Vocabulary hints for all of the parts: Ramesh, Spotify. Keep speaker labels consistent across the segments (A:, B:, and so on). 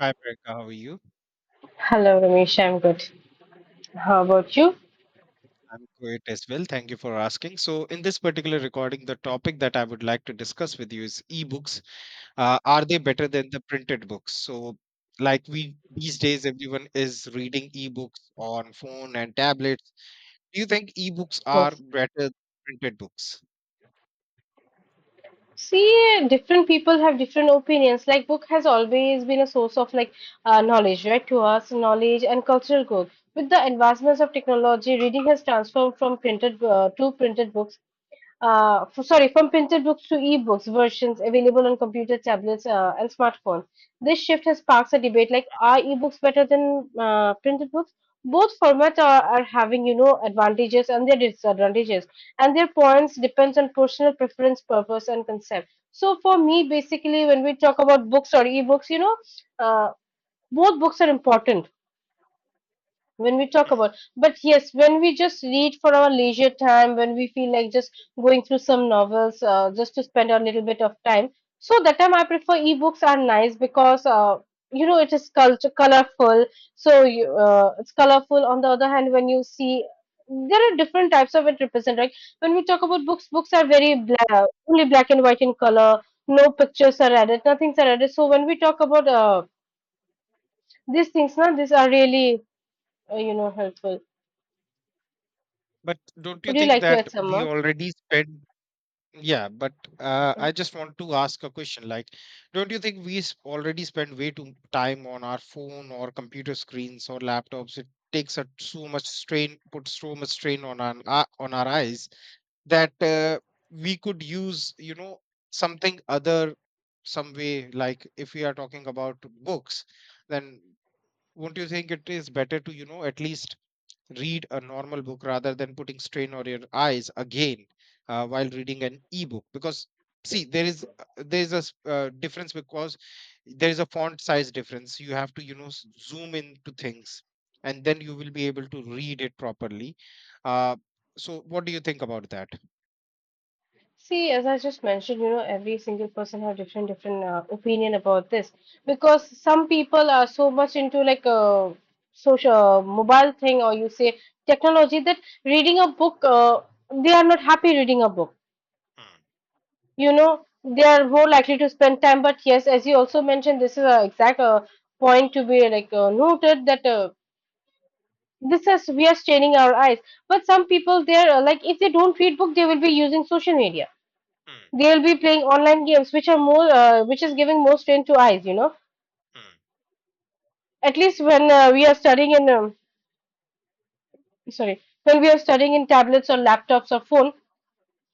A: Hi, Priyanka. How are you?
B: Hello, Ramesh. I'm good. How about you?
A: I'm great as well. Thank you for asking. So, in this particular recording, the topic that I would like to discuss with you is ebooks. Are they better than the printed books? So, like we these days, everyone is reading ebooks on phone and tablets. Do you think ebooks are
B: Yes.
A: better than printed books?
B: See, different people have different opinions. Like, book has always been a source of knowledge, right? To us, knowledge and cultural growth. With the advancements of technology, reading has transformed from printed books, from printed books to ebooks versions available on computer, tablets, and smartphones. This shift has sparked a debate like, are ebooks better than printed books? Both formats are having, you know, advantages and their disadvantages, and their points depends on personal preference, purpose, and concept. So for me, basically, when we talk about books or ebooks, uh, both books are important when we talk
A: Hmm.
B: about, but yes, when we just read for our leisure time, when we feel like just going through some novels, just to spend a little bit of time, so that time I prefer ebooks are nice because you know, it is culture colorful. So you, it's colorful. On the other hand, when you see there are different types of it represent, like when we talk about books, are very black, only black and white in color, no pictures are added, nothing's are added. So when we talk about these things now, these are really you know, helpful.
A: But don't you
B: Would you
A: think
B: like to
A: that
B: add some
A: we
B: more?
A: already spend— Yeah, but I just want to ask a question. Like, don't you think already spend way too time on our phone or computer screens or laptops? It takes a so much strain, puts so much strain on our eyes that we could use, you know, something other, some way. Like, if we are talking about books, then won't you think it is better to, you know, at least read a normal book rather than putting strain on your eyes again while reading an ebook? Because see, there is a difference, because there is a font size difference. You have to, you know, zoom into things, and then you will be able to read it properly. uh, so what do you think about that?
B: See, as I just mentioned, you know, every single person have different opinion about this, because some people are so much into like a social mobile thing, or you say technology, that reading a book, they are not happy reading a book.
A: Mm,
B: You know, they are more likely to spend time. But yes, as you also mentioned, this is an exact point to be like noted that this is, we are straining our eyes. But some people, they are like if they don't read book, they will be using social media,
A: mm,
B: they'll be playing online games, which are more which is giving more strain to eyes, you know. At least when we are studying in sorry when we are studying in tablets or laptops or phone,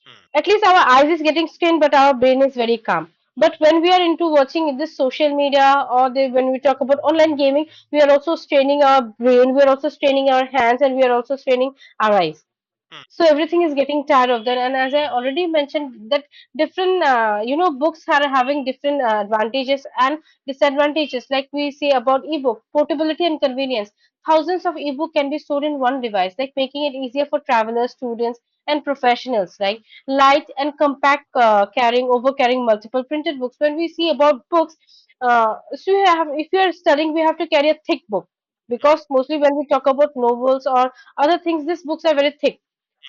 A: mm,
B: at least our eyes is getting strained, but our brain is very calm. But when we are into watching this social media, or when we talk about online gaming, we are also straining our brain, we are also straining our hands, and we are also straining our eyes.
A: mm, mm,
B: So everything is getting tired of that. And as I already mentioned that different, you know, books are having different advantages and disadvantages. Like we see about ebook portability and convenience: thousands of ebook can be stored in one device, like making it easier for travelers, students, and professionals. Like light and compact, carrying multiple printed books. When we see about books, so you have, if you are studying, we have to carry a thick book, because mostly when we talk about novels or other things, these books are very thick.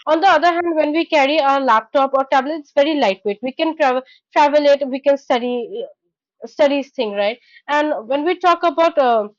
B: On the other hand, when we carry our laptop or tablet, it's very lightweight. We can travel it. We can study thing, right? And when we talk about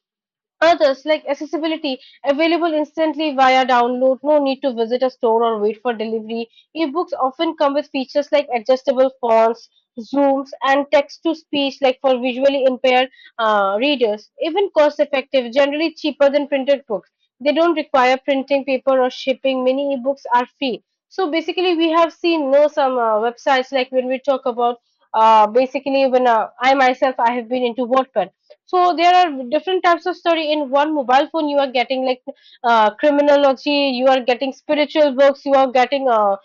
B: others, like accessibility, available instantly via download, no need to visit a store or wait for delivery. Ebooks often come with features like adjustable fonts, zooms, and text to speech, like for visually impaired readers. Even cost effective, generally cheaper than printed books. They don't require printing paper or shipping. Many ebooks are free. So basically, we have seen no some websites. Like when we talk about, basically when I myself, I have been into WordPad. So there are different types of study in one mobile phone. You are getting like criminology, you are getting spiritual books, you are getting uh,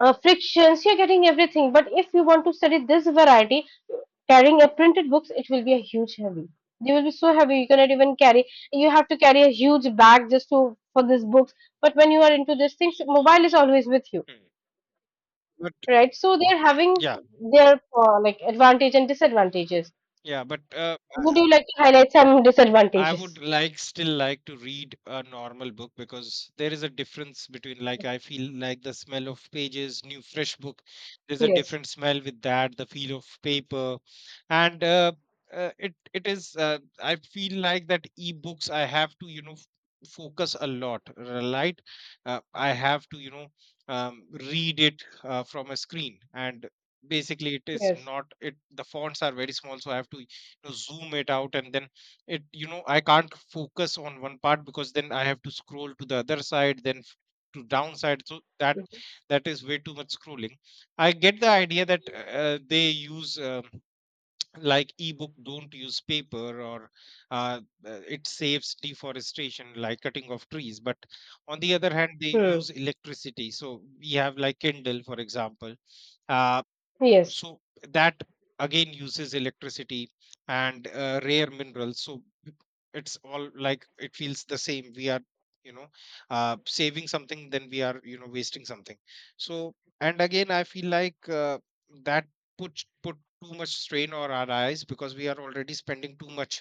B: uh, frictions, you're getting everything. But if you want to study this variety, carrying a printed books, it will be a huge heavy, they will be so heavy, you cannot even carry, you have to carry a huge bag just to, for these books. But when you are into these things, mobile is always with you,
A: mm, mm. but
B: right? So they're having
A: yeah
B: their like advantage and disadvantages.
A: yeah but
B: Would you like to highlight some
A: I would
B: disadvantages?
A: like still like to read a normal book, because there is a difference. Between like, I feel like the smell of pages, new fresh book, there's a
B: Yes.
A: different smell with that, the feel of paper, and it it is— I feel like that e-books, I have to, you know, focus a lot, right? I have to, you know, read it from a screen, and basically it is
B: Yes.
A: not it the fonts are very small, so I have to, you know, zoom it out, and then, it you know, I can't focus on one part, because then I have to scroll to the other side, then to downside. So that, that is way too much scrolling. I get the idea that they use, like, ebook don't use paper, or uh, it saves deforestation, like cutting of trees. But on the other hand, they
B: Mhm.
A: use electricity. So we have, like, Kindle for example. uh,
B: Yes.
A: so that again uses electricity, and rare minerals. So it's all like, it feels the same. We are, you know, saving something, then we are, you know, wasting something. So, and again, I feel like that put too much strain on our eyes, because we are already spending too much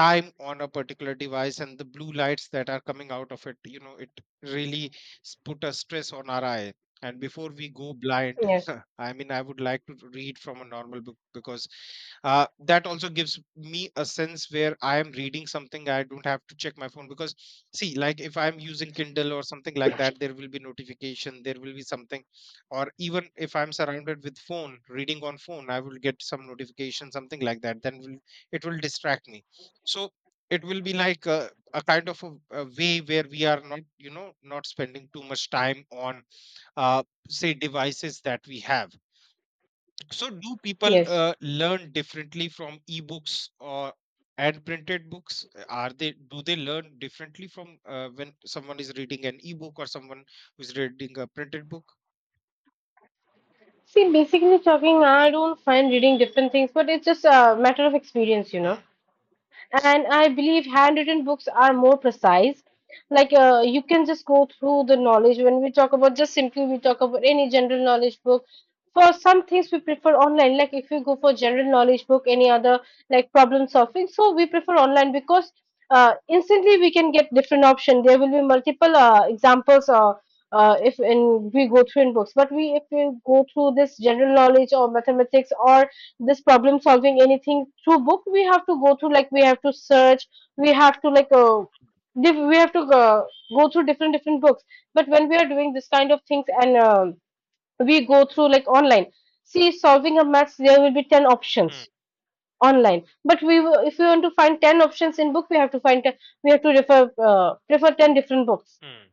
A: time on a particular device, and the blue lights that are coming out of it, you know, it really put a stress on our eyes. And before we go blind,
B: Yes.
A: I mean, I would like to read from a normal book, because that also gives me a sense where I am reading something. I don't have to check my phone. Because see, like, if I'm using Kindle or something like that, there will be notification, there will be something, or even if I'm surrounded with phone, reading on phone, I will get some notification, something like that. Then will, it will distract me. So it will be like a kind of a way where we are not, you know, not spending too much time on uh, say devices that we have. So do people
B: Yes.
A: learn differently from ebooks or and printed books? Are they— do they learn differently from, when someone is reading an ebook or someone who's reading a printed book?
B: See, basically talking, I don't find reading different things, but it's just a matter of experience, you know.
A: Mm,
B: And I believe handwritten books are more precise. Like you can just go through the knowledge. When we talk about, just simply we talk about any general knowledge book. For some things we prefer online. Like if you go for general knowledge book, any other like problem solving, so we prefer online, because instantly we can get different option. There will be multiple examples. If in we go through in books, but we, if we go through this general knowledge or mathematics or this problem solving anything through book, we have to go through, like we have to search, we have to we have to go through different books. But when we are doing this kind of things, and we go through like online, see solving a maths, there will be 10
A: mm,
B: options online. But we will- if we want to find 10 options in book, we have to find 10, we have to refer, prefer 10 different books.
A: mm.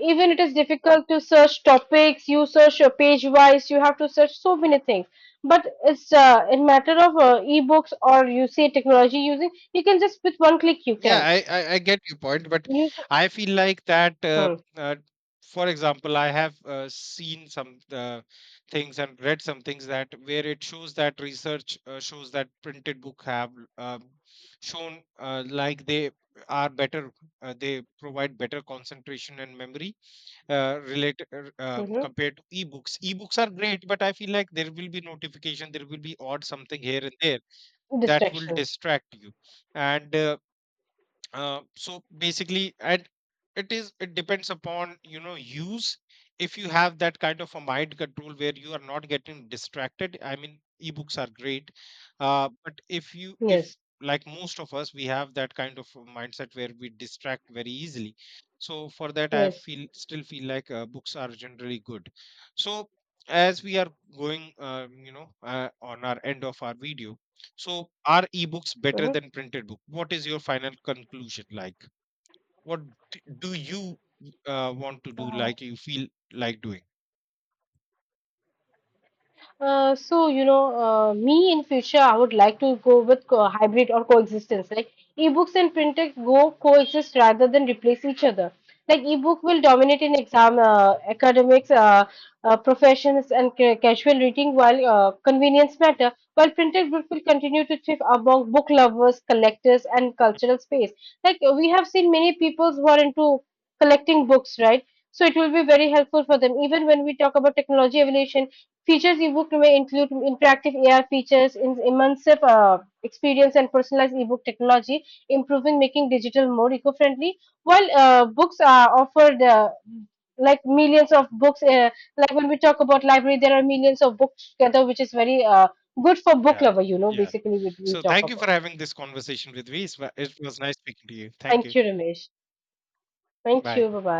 B: Even it is difficult to search topics, you search page wise, you have to search so many things. But it's in matter of ebooks or you say technology using, you can just with one click you
A: Yeah,
B: can.
A: I get your point, but
B: You.
A: I feel like that.
B: Hmm.
A: Uh, for example, I have seen some things and read some things that, where it shows that research shows that printed book have shown like, they are better. They provide better concentration and memory related,
B: Hmm.
A: compared to ebooks. Ebooks are great, but I feel like there will be notification, there will be odd something here and there that will
B: Distractions.
A: distract you. And. So basically, at it is— it depends upon, you know, use. If you have that kind of a mind control where you are not getting distracted, I mean, ebooks are great. But if you,
B: Yes.
A: if, like most of us, we have that kind of a mindset where we distract very easily. So for that, I
B: Yes.
A: feel still feel like books are generally good. So, as we are going, you know, on our end of our video, so, are ebooks better
B: Hmm.
A: than printed book? What is your final conclusion, like? What do you want to do, like you feel like doing?
B: Me in future, I would like to go with hybrid or coexistence. Like ebooks and print text go coexist rather than replace each other. Like ebook will dominate in exam, academics, professions, and casual reading, while convenience matter. While printed book will continue to thrive among book lovers, collectors, and cultural space. Like we have seen many people who are into collecting books, right? So it will be very helpful for them. Even when we talk about technology evolution, features eBook may include interactive AI features, immersive experience, and personalized eBook technology, improving, making digital more eco-friendly. While books are offered, like millions of books, like when we talk about library, there are millions of books together, which is very good for book
A: Yeah.
B: lover. You know,
A: Yeah.
B: basically, we
A: So
B: talk
A: thank you for
B: about.
A: having this conversation with me. It was nice speaking to you. Thank
B: Thank
A: you.
B: you, Ramesh. Thank you.
A: Bye.
B: Bye bye.